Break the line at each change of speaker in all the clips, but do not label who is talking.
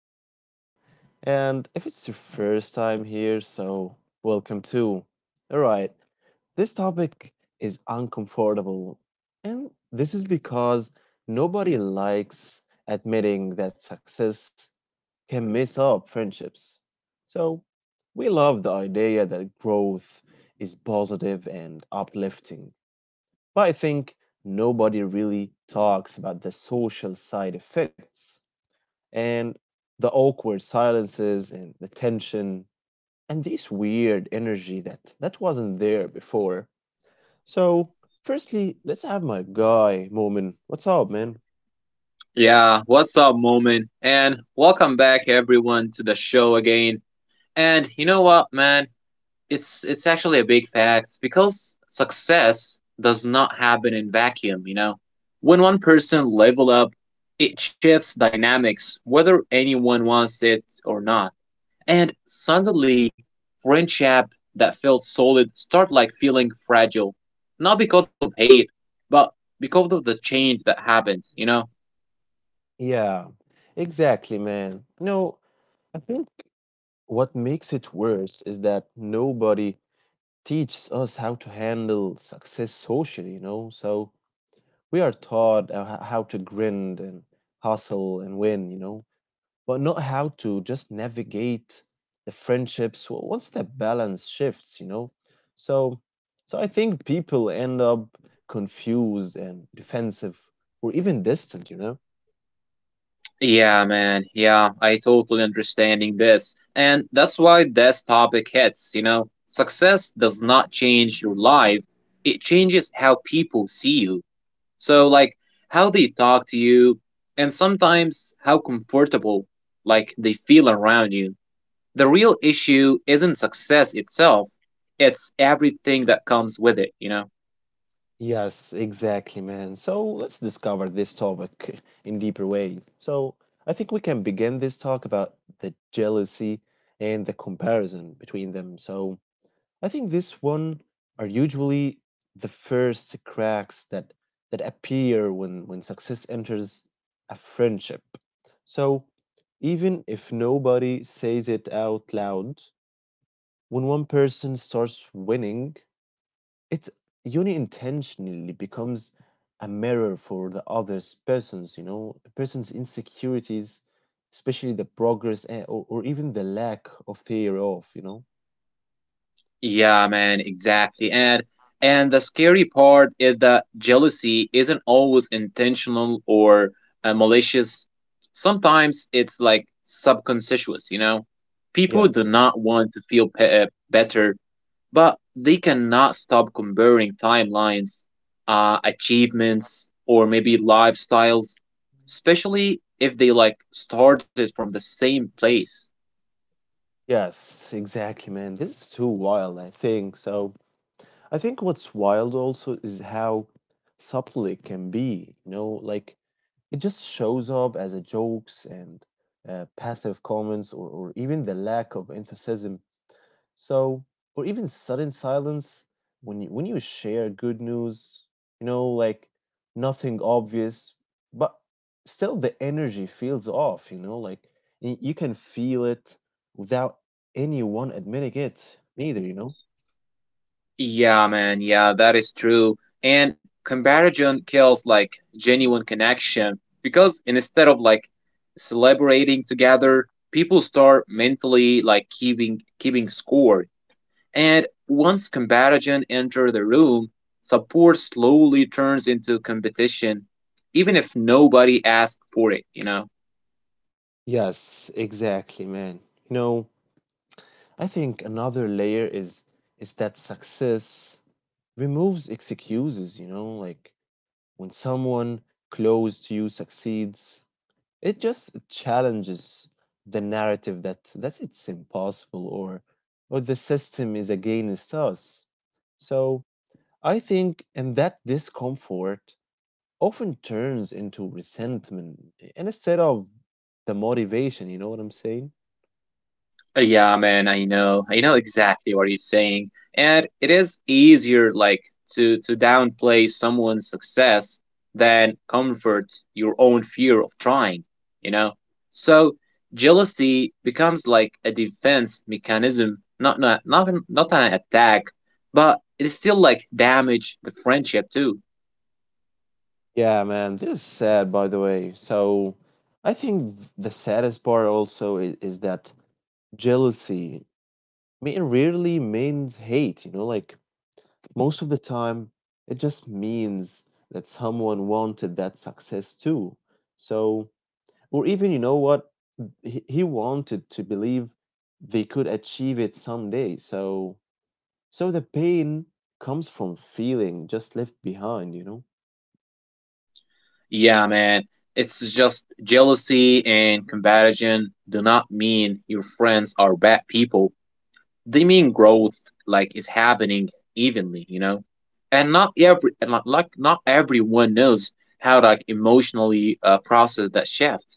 podcast. And if it's your first time here, so welcome too. All right, this topic is uncomfortable. And this is because nobody likes admitting that success can mess up friendships. So we love the idea that growth is positive and uplifting. But I think nobody really talks about the social side effects and the awkward silences and the tension and this weird energy that wasn't there before. So, firstly, let's have my guy moment. What's up, man?
Yeah, what's up, Moment? And welcome back everyone to the show again. And you know what, man? It's actually a big fact because success does not happen in vacuum, you know. When one person level up, it shifts dynamics whether anyone wants it or not. And suddenly, friendship that felt solid start like feeling fragile, not because of hate, but because of the change that happened, you know.
Yeah, exactly, man. No, I think what makes it worse is that nobody teaches us how to handle success socially, you know? So, we are taught how to grind and hustle and win, you know? But not how to just navigate the friendships once that balance shifts, you know. So so I think people end up confused and defensive or even distant, you know.
Yeah, man. Yeah, I totally understanding this. And that's why this topic hits, you know. Success does not change your life. It changes how people see you. So like how they talk to you and sometimes how comfortable like they feel around you. The real issue isn't success itself. It's everything that comes with it, you know.
Yes, exactly, man. So let's discover this topic in deeper way. So I think we can begin this talk about the jealousy and the comparison between them. So I think this one are usually the first cracks that appear when success enters a friendship. So even if nobody says it out loud, when one person starts winning, it uni intentionally becomes a mirror for the other's persons, you know, a person's insecurities, especially the progress and, or even the lack of fear of, you know.
Yeah, man, exactly. And the scary part is that jealousy isn't always intentional or malicious. Sometimes it's like subconscious, you know? People
Yeah.
do not want to feel better, but they cannot stop comparing timelines, achievements, or maybe lifestyles, especially if they like started from the same place.
Yes, exactly, man. This is too wild, I think. So, I think what's wild also is how subtle it can be, you know, like it just shows up as a jokes and passive comments or even the lack of emphasis so, or even sudden silence when you share good news, you know, like nothing obvious, but still the energy feels off, you know, like you can feel it without anyone admitting it neither. You know.
Yeah, man. Yeah, that is true. And comparison kills like genuine connection because instead of like celebrating together, people start mentally like keeping score. And once comparison enter the room, support slowly turns into competition, even if nobody asked for it. You know.
Yes, exactly, man. You know, I think another layer is that success removes excuses, you know, like when someone close to you succeeds, it just challenges the narrative that it's impossible or the system is against us. So I think in that discomfort often turns into resentment and instead of the motivation, you know what I'm saying?
Yeah, man, I
Yeah.
know. I know exactly what he's saying. And it is easier like to downplay someone's success than comfort your own fear of trying, you know? So jealousy becomes like a defense mechanism, not an attack, but it is still like damage the friendship too.
Yeah, man, this is sad, by the way. So I think the saddest part also is that jealousy, I mean, it rarely means hate, you know, like most of the time it just means that someone wanted that success too so or even you know what he wanted to believe they could achieve it someday so so the pain comes from feeling just left behind, you know.
Yeah, man. It's just jealousy and comparison do not mean your friends are bad people, they mean growth like is happening evenly, you know, and not everyone knows how to, like, emotionally process that shift.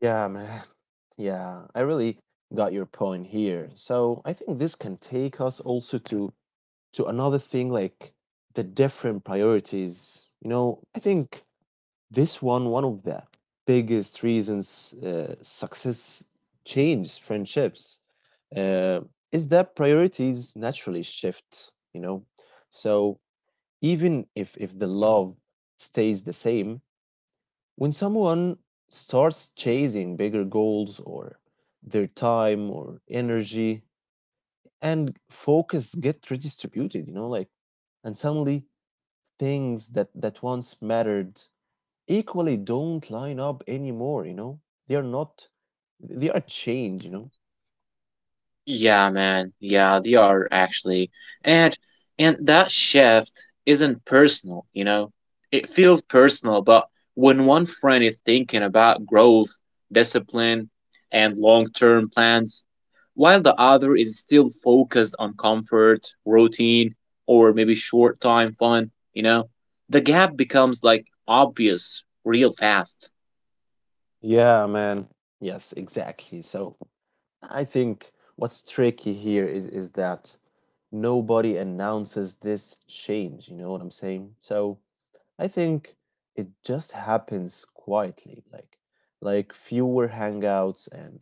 Yeah, man. Yeah, I really got your point here, so I think this can take us also to another thing like the different priorities, you know. I think this one of the biggest reasons success changes friendships uh, is that priorities naturally shift, you know. So even if the love stays the same when someone starts chasing bigger goals or their time or energy and focus get redistributed, you know, like and suddenly things that once mattered equally don't line up anymore, you know? They are not, they are changed, you know?
Yeah, man. Yeah, they are actually. And and that shift isn't personal, you know? It feels personal, but when one friend is thinking about growth, discipline, and long-term plans, while the other is still focused on comfort, routine, or maybe short-time fun, you know, the gap becomes like obvious real fast.
Yeah, man. Yes, exactly. So I think what's tricky here is that nobody announces this change, you know what I'm saying? So I think it just happens quietly, like fewer hangouts and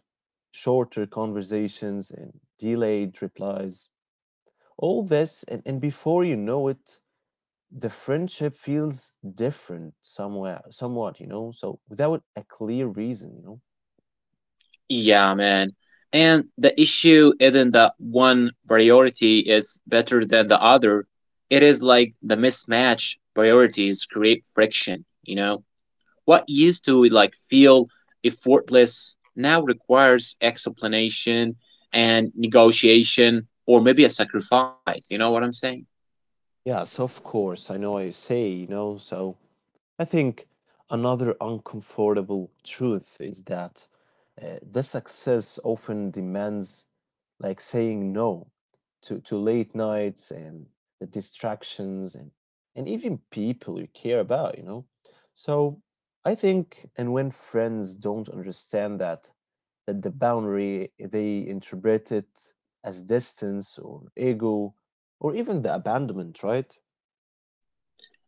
shorter conversations and delayed replies. All this and before you know it, the friendship feels different somewhere somewhat, you know, so without a clear reason, you know.
Yeah, man. And the issue isn't that one priority is better than the other. It is like the mismatch priorities create friction, you know? What used to like feel effortless now requires explanation and negotiation or maybe a sacrifice, you know what I'm saying?
Yes, of course I know what you say, you know. So I think another uncomfortable truth is that the success often demands like saying no to late nights and the distractions and even people you care about, you know? So I think, and when friends don't understand that, that the boundary, they interpret it as distance or ego or even the abandonment, right?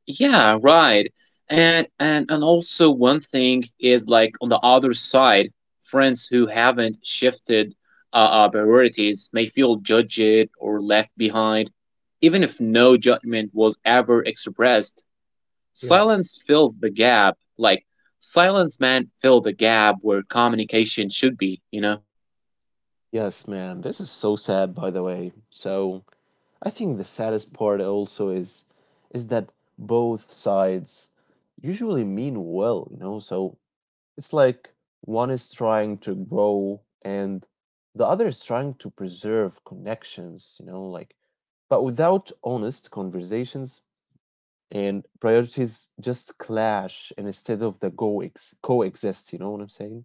Yeah, right. And also one thing is like on the other side, friends who haven't shifted priorities may feel judged or left behind, even if no judgment was ever expressed.
Yeah.
Silence fills the gap, like silence man fill the gap where communication should be, you know.
Yes, man, this is so sad by the way. So I think the saddest part also is that both sides usually mean well, you know? So it's like one is trying to grow and the other is trying to preserve connections, you know, like but without honest conversations, and priorities just clash and instead of the coexist, you know what I'm saying.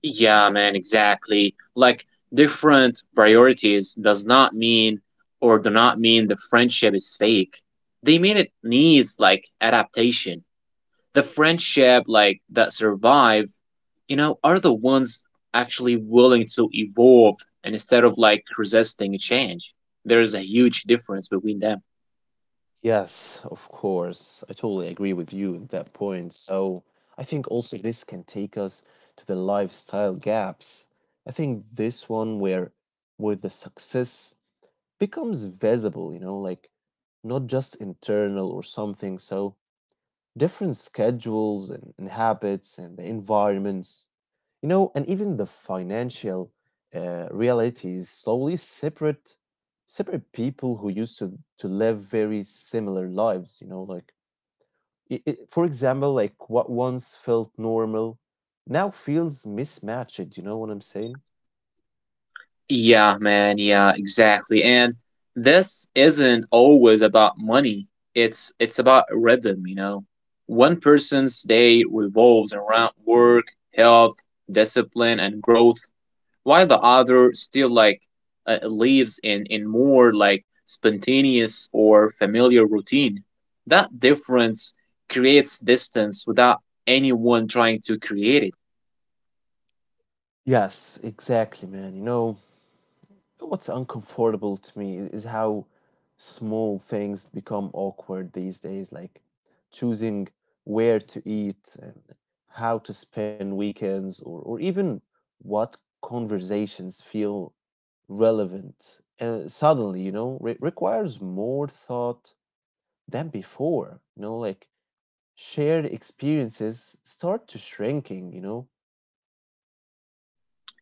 Yeah, man, exactly. Like different priorities does not mean or do not mean the friendship is fake. They mean it needs like adaptation. The friendship like that survive, you know, are the ones actually willing to evolve and instead of like resisting change. There is a huge difference between them.
Yes, of course. I totally agree with you at that point. So I think also this can take us to the lifestyle gaps. I think this one where the success becomes visible, you know, like not just internal or something. So different schedules and habits and the environments, you know, and even the financial realities slowly separate separate people who used to live very similar lives. You know, like I for example, like what once felt normal now feels mismatched. You know what I'm saying?
Yeah, man. Yeah, exactly. And this isn't always about money. It's about rhythm, you know. One person's day revolves around work, health, discipline, and growth, while the other still like lives in more like spontaneous or familiar routine. That difference creates distance without anyone trying to create it.
Yes, exactly, man. You know, what's uncomfortable to me is how small things become awkward these days, like choosing where to eat and how to spend weekends, or even what conversations feel relevant. And suddenly, you know, requires more thought than before. You know, like shared experiences start to shrinking, you know.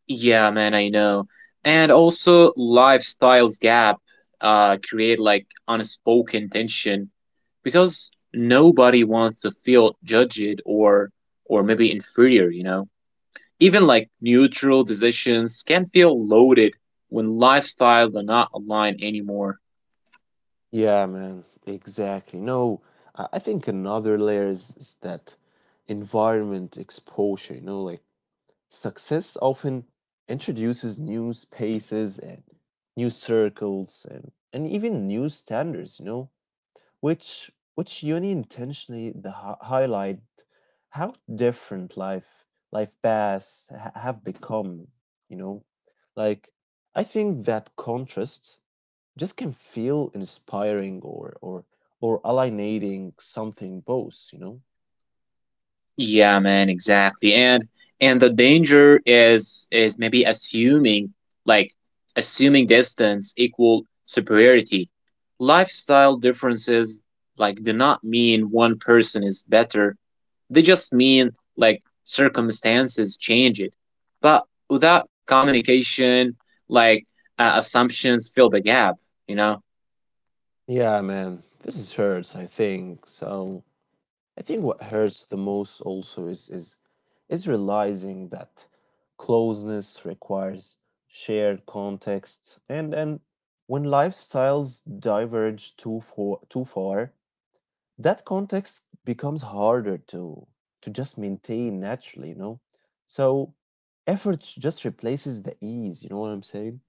Yeah, man, I know. And also, lifestyles gap create like unspoken tension because nobody wants to feel judged or maybe inferior, you know. Even like neutral decisions can feel loaded when lifestyle do not align anymore.
Yeah, man, exactly. No, I think another layer is that environment exposure, you know, like success often introduces new spaces and new circles and even new standards, you know, which uni intentionally the highlight how different life paths ha have become, you know. Like I think that contrast just can feel inspiring or alienating something both, you know.
Yeah, man, exactly. And the danger is maybe assuming like assuming distance equal superiority. Lifestyle differences like do not mean one person is better. They just mean like circumstances change it. But without communication, like assumptions fill the gap, you know?
Yeah, man, this is hurts, I think. So I think what hurts the most also is is realizing that closeness requires shared context and when lifestyles diverge too far that context becomes harder to just maintain naturally, you know. So effort just replaces the ease, you know what I'm saying.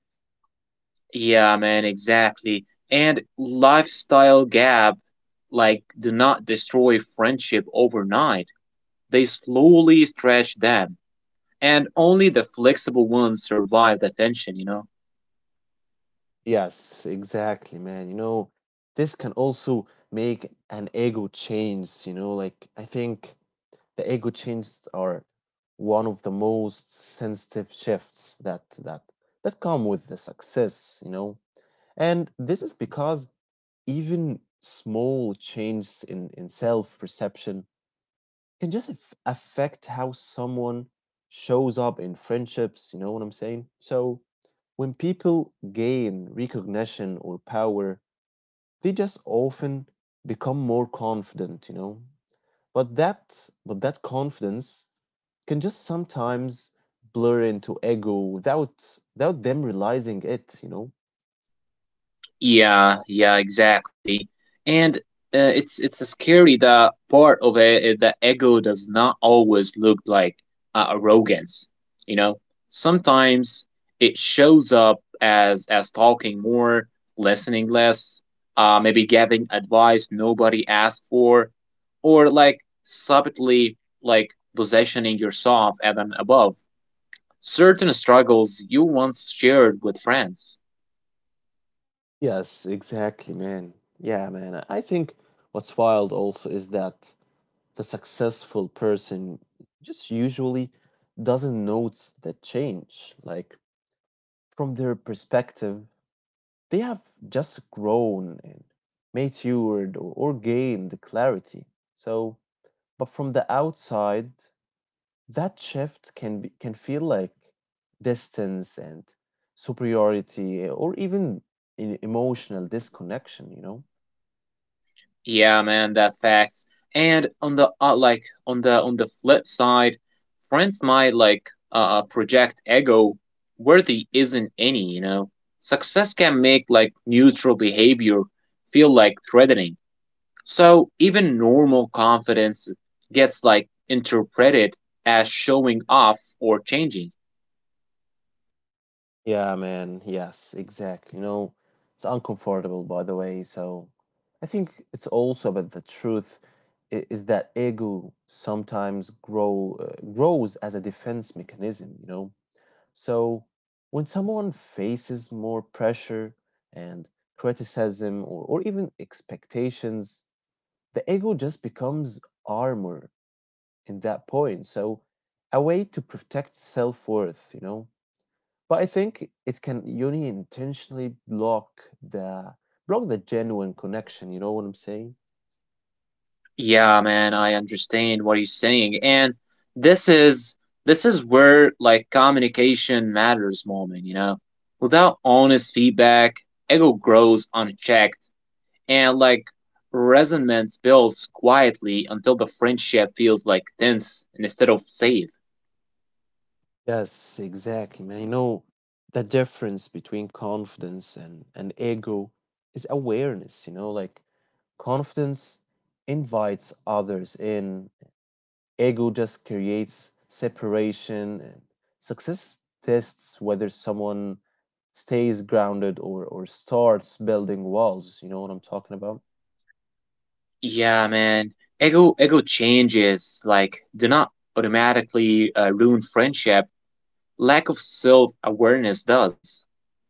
Yeah, man, exactly. And lifestyle gap, like, do not destroy friendship overnight. They slowly stretch them, and only the flexible ones survive the tension, you know?
Yes, exactly, man. You know, this can also make an ego change, you know, like I think the ego changes are one of the most sensitive shifts that come with the success, you know. And this is because even small changes in self perception can just affect how someone shows up in friendships, you know what I'm saying? So, when people gain recognition or power, they just often become more confident, you know? But that but that confidence can just sometimes blur into ego without them realizing it, you know?
Yeah, yeah, exactly. And it's a scary that part of it is that ego does not always look like arrogance. You know, sometimes it shows up as talking more, listening less, maybe giving advice nobody asked for, or like subtly like positioning yourself at an above certain struggles you once shared with friends.
Yes, exactly, man. Yeah, man. I think what's wild also is that the successful person just usually doesn't notice the change. Like, from their perspective, they have just grown and matured or gained clarity. So, but from the outside, that shift can be, can feel like distance and superiority or even in emotional disconnection, you know?
Yeah, man, that facts. And on the on the flip side, friends might like project ego where there isn't any, you know. Success can make like neutral behavior feel like threatening. So even normal confidence gets like interpreted as showing off or changing.
Yeah, man. Yes, exactly. You know, it's uncomfortable, by the way. So I think it's also about the truth is that ego sometimes grows as a defense mechanism, you know. So when someone faces more pressure and criticism or even expectations, the ego just becomes armor in that point. So a way to protect self-worth, you know. But I think it can uni intentionally block the genuine connection, you know what I'm saying?
Yeah, man, I understand what he's saying. And this is this is where like communication matters moment, you know. Without honest feedback, ego grows unchecked and like resentment builds quietly until the friendship feels like tense instead of safe.
Yes, exactly, man. You know, the difference between confidence and ego is awareness, you know, like confidence invites others in, ego just creates separation and success tests whether someone stays grounded or starts building walls, you know what I'm talking about.
Yeah, man. Ego changes like do not automatically ruin friendship. Lack of self-awareness does.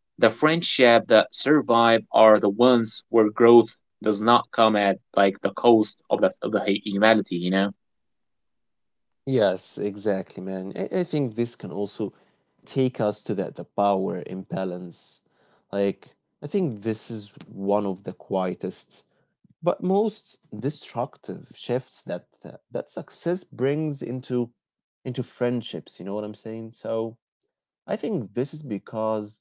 The friendship that survive are the ones where growth does not come at like the cost of the humanity, you know?
Yes, exactly, man. I think this can also take us to that the power imbalance, like I think this is one of the quietest but most destructive shifts that success brings into friendships, you know what I'm saying. So I think this is because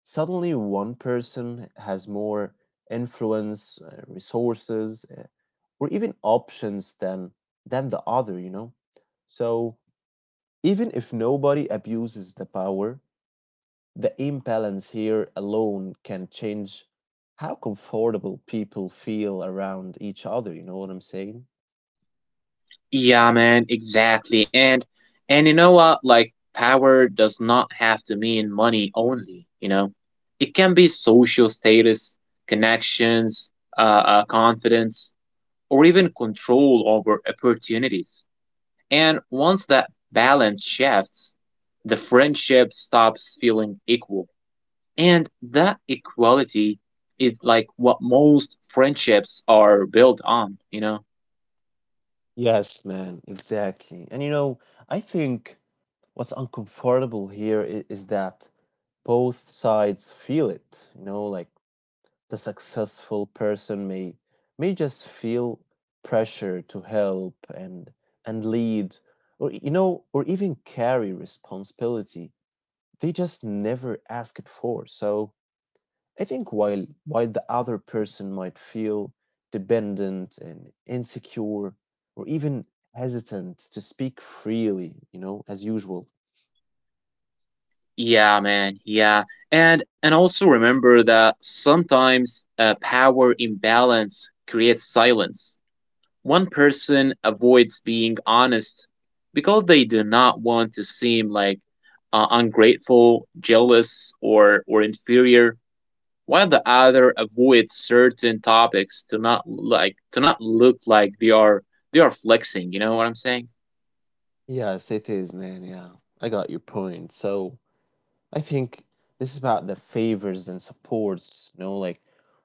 suddenly one person has more influence, resources, or even options than the other, you know? So even if nobody abuses the power, the imbalance here alone can change how comfortable people feel around each other, you know what I'm saying?
Yeah, man, exactly. And you know what? Like power does not have to mean money only, you know? It can be social status, connections, confidence, or even control over opportunities. And once that balance shifts, the friendship stops feeling equal. And that equality is like what most friendships are built on, you know?
Yes, man, exactly. And you know, I think what's uncomfortable here is that both sides feel it, you know, like the successful person may just feel pressure to help and lead, or you know, or even carry responsibility they just never ask it for. So I think while the other person might feel dependent and insecure, or even hesitant to speak freely, you know, as usual.
Yeah, man. Yeah. And also remember that sometimes a power imbalance creates silence. One person avoids being honest because they do not want to seem like ungrateful, jealous, or inferior, while the other avoids certain topics to not look like they are flexing, you know what I'm saying?
Yes, it is, man, yeah. I got your point. So I think this is about the favors and supports, you know, like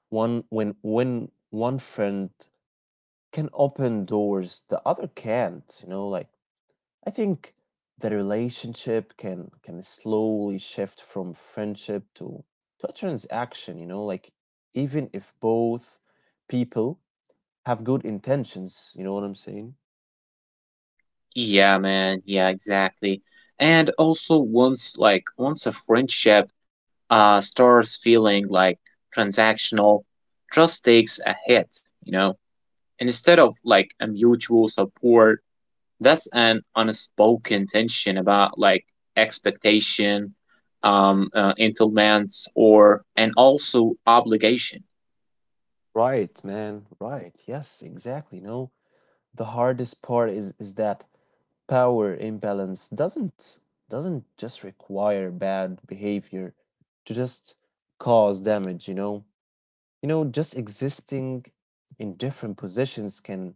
one when one friend can open doors the other can't, you know, like I think the relationship can slowly shift from friendship to a transaction, you know, like even if both people have good intentions, you know what I'm saying?
Yeah, man. Yeah, exactly. And also, once a friendship starts feeling like transactional, trust takes a hit, you know. And instead of like a mutual support, that's an unspoken tension about like expectation, entitlements, or and also obligation.
Right, man, right. Yes, exactly. You know, the hardest part is that power imbalance doesn't just require bad behavior to just cause damage, you know. You know, just existing in different positions can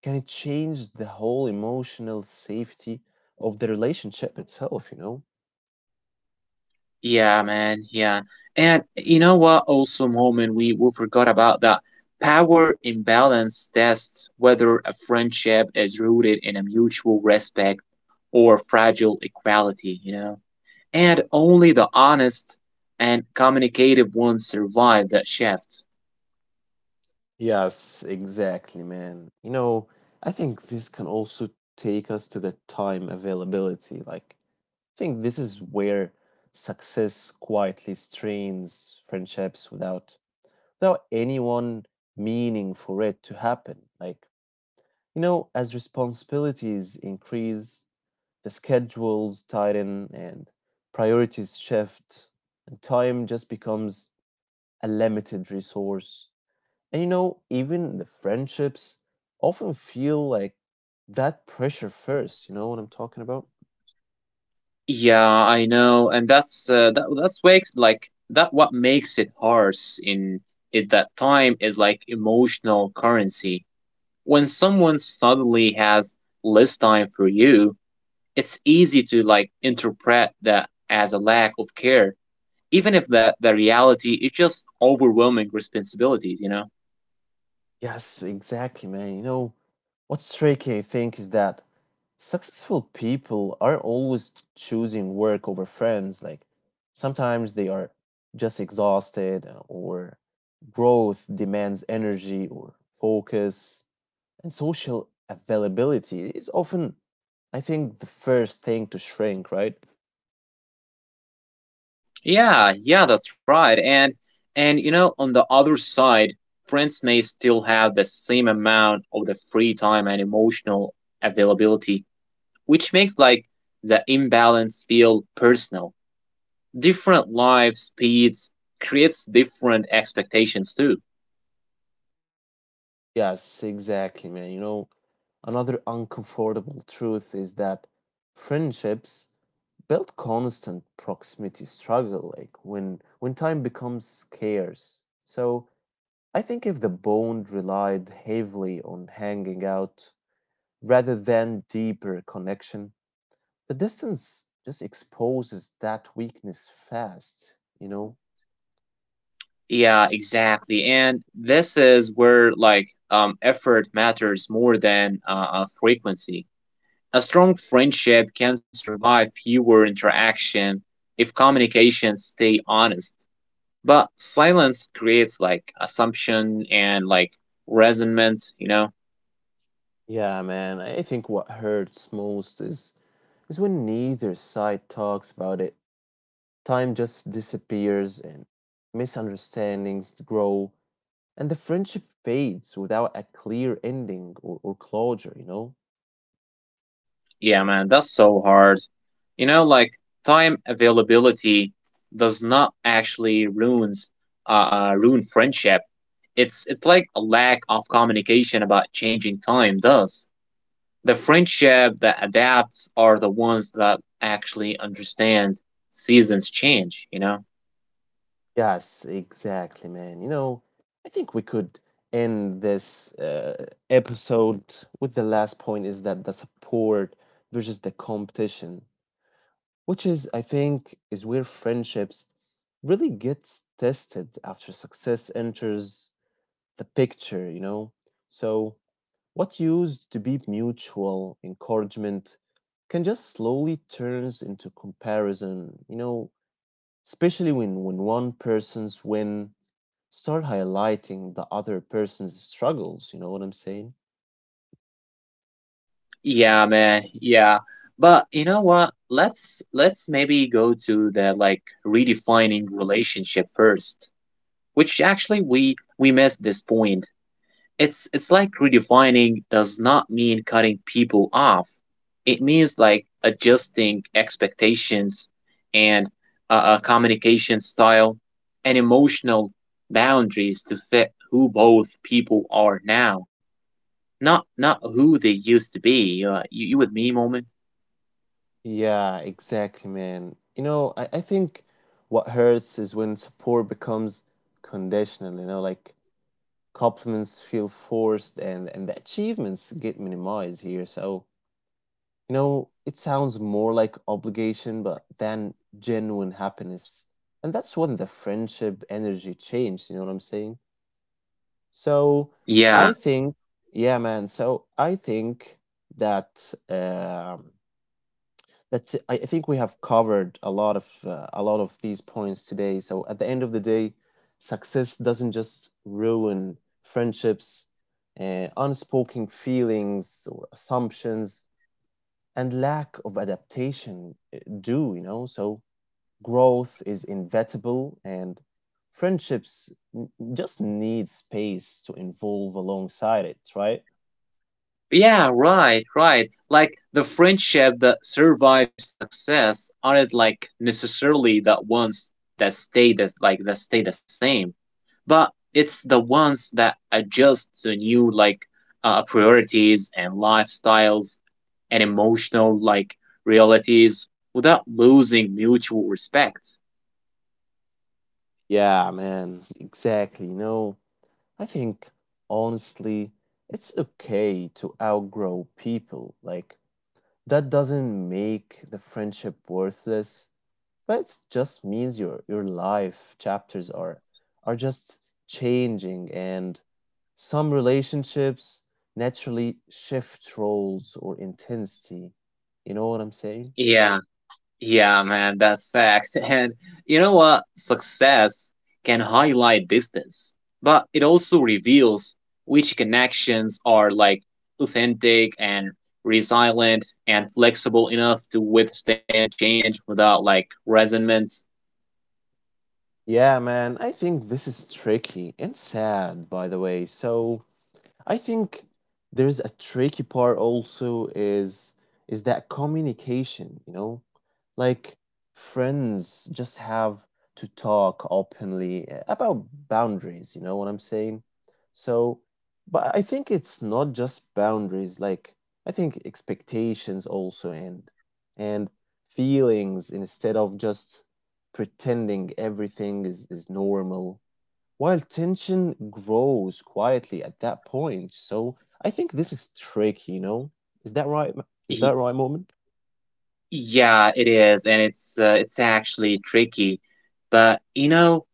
can it change the whole emotional safety of the relationship itself, you know.
Yeah, man. Yeah. And you know what also Moment, we forgot about that power imbalance tests whether a friendship is rooted in a mutual respect or fragile equality, you know. And only the honest and communicative ones survive that shift.
Yes, exactly, man. You know, I think this can also take us to the time availability, like I think this is where success quietly strains friendships without anyone meaning for it to happen. Like, you know, as responsibilities increase, the schedules tighten and priorities shift, and time just becomes a limited resource. And you know, even the friendships often feel like that pressure first. You know what I'm talking about?
Yeah, I know, and that's that that's wakes like that. What makes it harsh in it that time is like emotional currency. When someone suddenly has less time for you, it's easy to like interpret that as a lack of care, even if the reality is just overwhelming responsibilities. You know.
Yes, exactly, man. You know, what's tricky, I think, is that successful people are always choosing work over friends. Like sometimes they are just exhausted, or growth demands energy or focus, and social availability is often, I think, the first thing to shrink, right?
Yeah, yeah, that's right. And you know, on the other side, friends may still have the same amount of the free time and emotional availability, which makes like the imbalance feel personal. Different life speeds creates different expectations too.
Yes, exactly, man. You know, another uncomfortable truth is that friendships built constant proximity struggle, like when time becomes scarce. So I think if the bond relied heavily on hanging out rather than deeper connection, the distance just exposes that weakness fast, you know?
Yeah, exactly. And this is where like effort matters more than frequency. A strong friendship can survive fewer interaction if communications stay honest. But silence creates like assumption and like resentment, you know?
Yeah, man, I think what hurts most is when neither side talks about it. Time just disappears and misunderstandings grow and the friendship fades without a clear ending, or closure, you know?
Yeah, man, that's so hard. You know, like time availability does not actually ruin friendship. It's like a lack of communication about changing time does. The friendship that adapts are the ones that actually understand seasons change, you know.
Yes, exactly, man. You know, I think we could end this episode with the last point, is that the support versus the competition, which is, I think, is where friendships really gets tested after success enters the picture, you know? So, what used to be mutual encouragement can just slowly turns into comparison, you know, especially when one person's win start highlighting the other person's struggles, you know what I'm saying?
Yeah, man. Yeah. But you know what, let's maybe go to the like redefining relationship first, which actually we missed this point. It's like redefining does not mean cutting people off. It means like adjusting expectations and communication style and emotional boundaries to fit who both people are now, not who they used to be. You you with me, Moment?
Yeah, exactly, man. You know, I think what hurts is when support becomes conditional, you know, like compliments feel forced, and the achievements get minimized here. So, you know, it sounds more like obligation but than genuine happiness. And that's when the friendship energy changed, you know what I'm saying? So,
Yeah.
I think, yeah, man. So, I think that that's it. I think we have covered a lot of these points today. So at the end of the day, success doesn't just ruin friendships, unspoken feelings or assumptions and lack of adaptation do, you know? So growth is inevitable and friendships just need space to evolve alongside it, right?
Yeah, right, right. Like the friendship that survives success aren't like necessarily the ones that stay the same, but it's the ones that adjust to new like priorities and lifestyles and emotional like realities without losing mutual respect.
Yeah, man, exactly. No. I think, honestly, it's okay to outgrow people. Like, that doesn't make the friendship worthless, but it just means your life chapters are just changing, and some relationships naturally shift roles or intensity. You know what I'm saying?
Yeah. Yeah, man, that's facts. And you know what? Success can highlight distance, but it also reveals which connections are like authentic and resilient and flexible enough to withstand change without like resentment.
Yeah, man, I think this is tricky and sad, by the way. So, I think there's a tricky part also is that communication, you know? Like friends just have to talk openly about boundaries, you know what I'm saying? So, but I think it's not just boundaries, like I think expectations also and feelings instead of just pretending everything is normal while tension grows quietly at that point. So I think this is tricky, you know? Is that right? Is that right, Moment?
Yeah, it is, and it's actually tricky. But you know,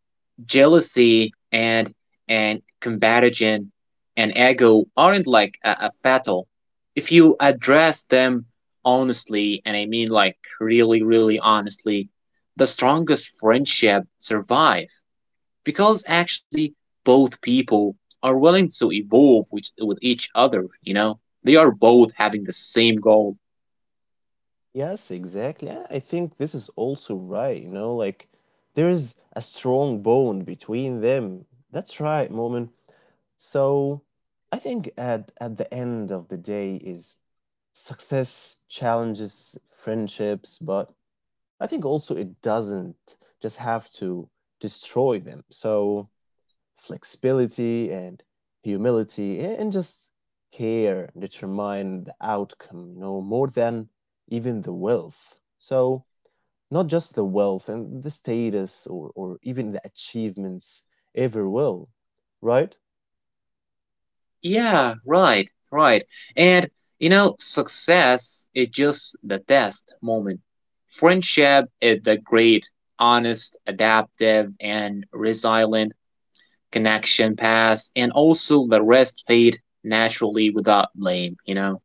jealousy and comparison and ego aren't like a fatal. If you address them honestly, and I mean like really, really honestly, the strongest friendship survive because actually both people are willing to evolve with each other. You know, they are both having the same goal.
Yes, exactly. Yeah, I think this is also right, you know? Like, there is a strong bond between them. That's right, Moment. So I think at the end of the day is success challenges friendships, but I think also it doesn't just have to destroy them. So flexibility and humility and just care determine the outcome, you know, more than even the wealth. So, not just the wealth and the status, or even the achievements ever will, right?
Yeah, right, right. And you know, success is just the test moment. Friendship is the great, honest, adaptive, and resilient connection pass, and also the rest fade naturally without blame, you know?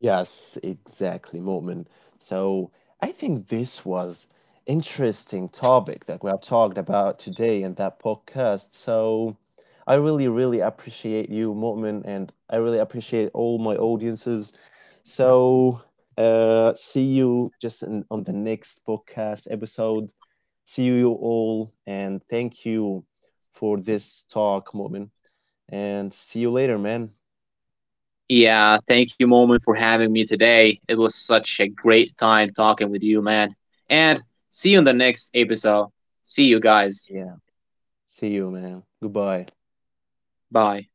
Yes, exactly, Moment. So I think this was interesting topic that we have talked about today in that podcast. So I really, really appreciate you, Moment, and I really appreciate all my audiences. So see you just on the next podcast episode. See you all, and thank you for this talk, Moment. And see you later, man.
Yeah, thank you, Moment, for having me today. It was such a great time talking with you, man. And see you in the next episode. See you guys.
Yeah, see you, man. Goodbye.
Bye.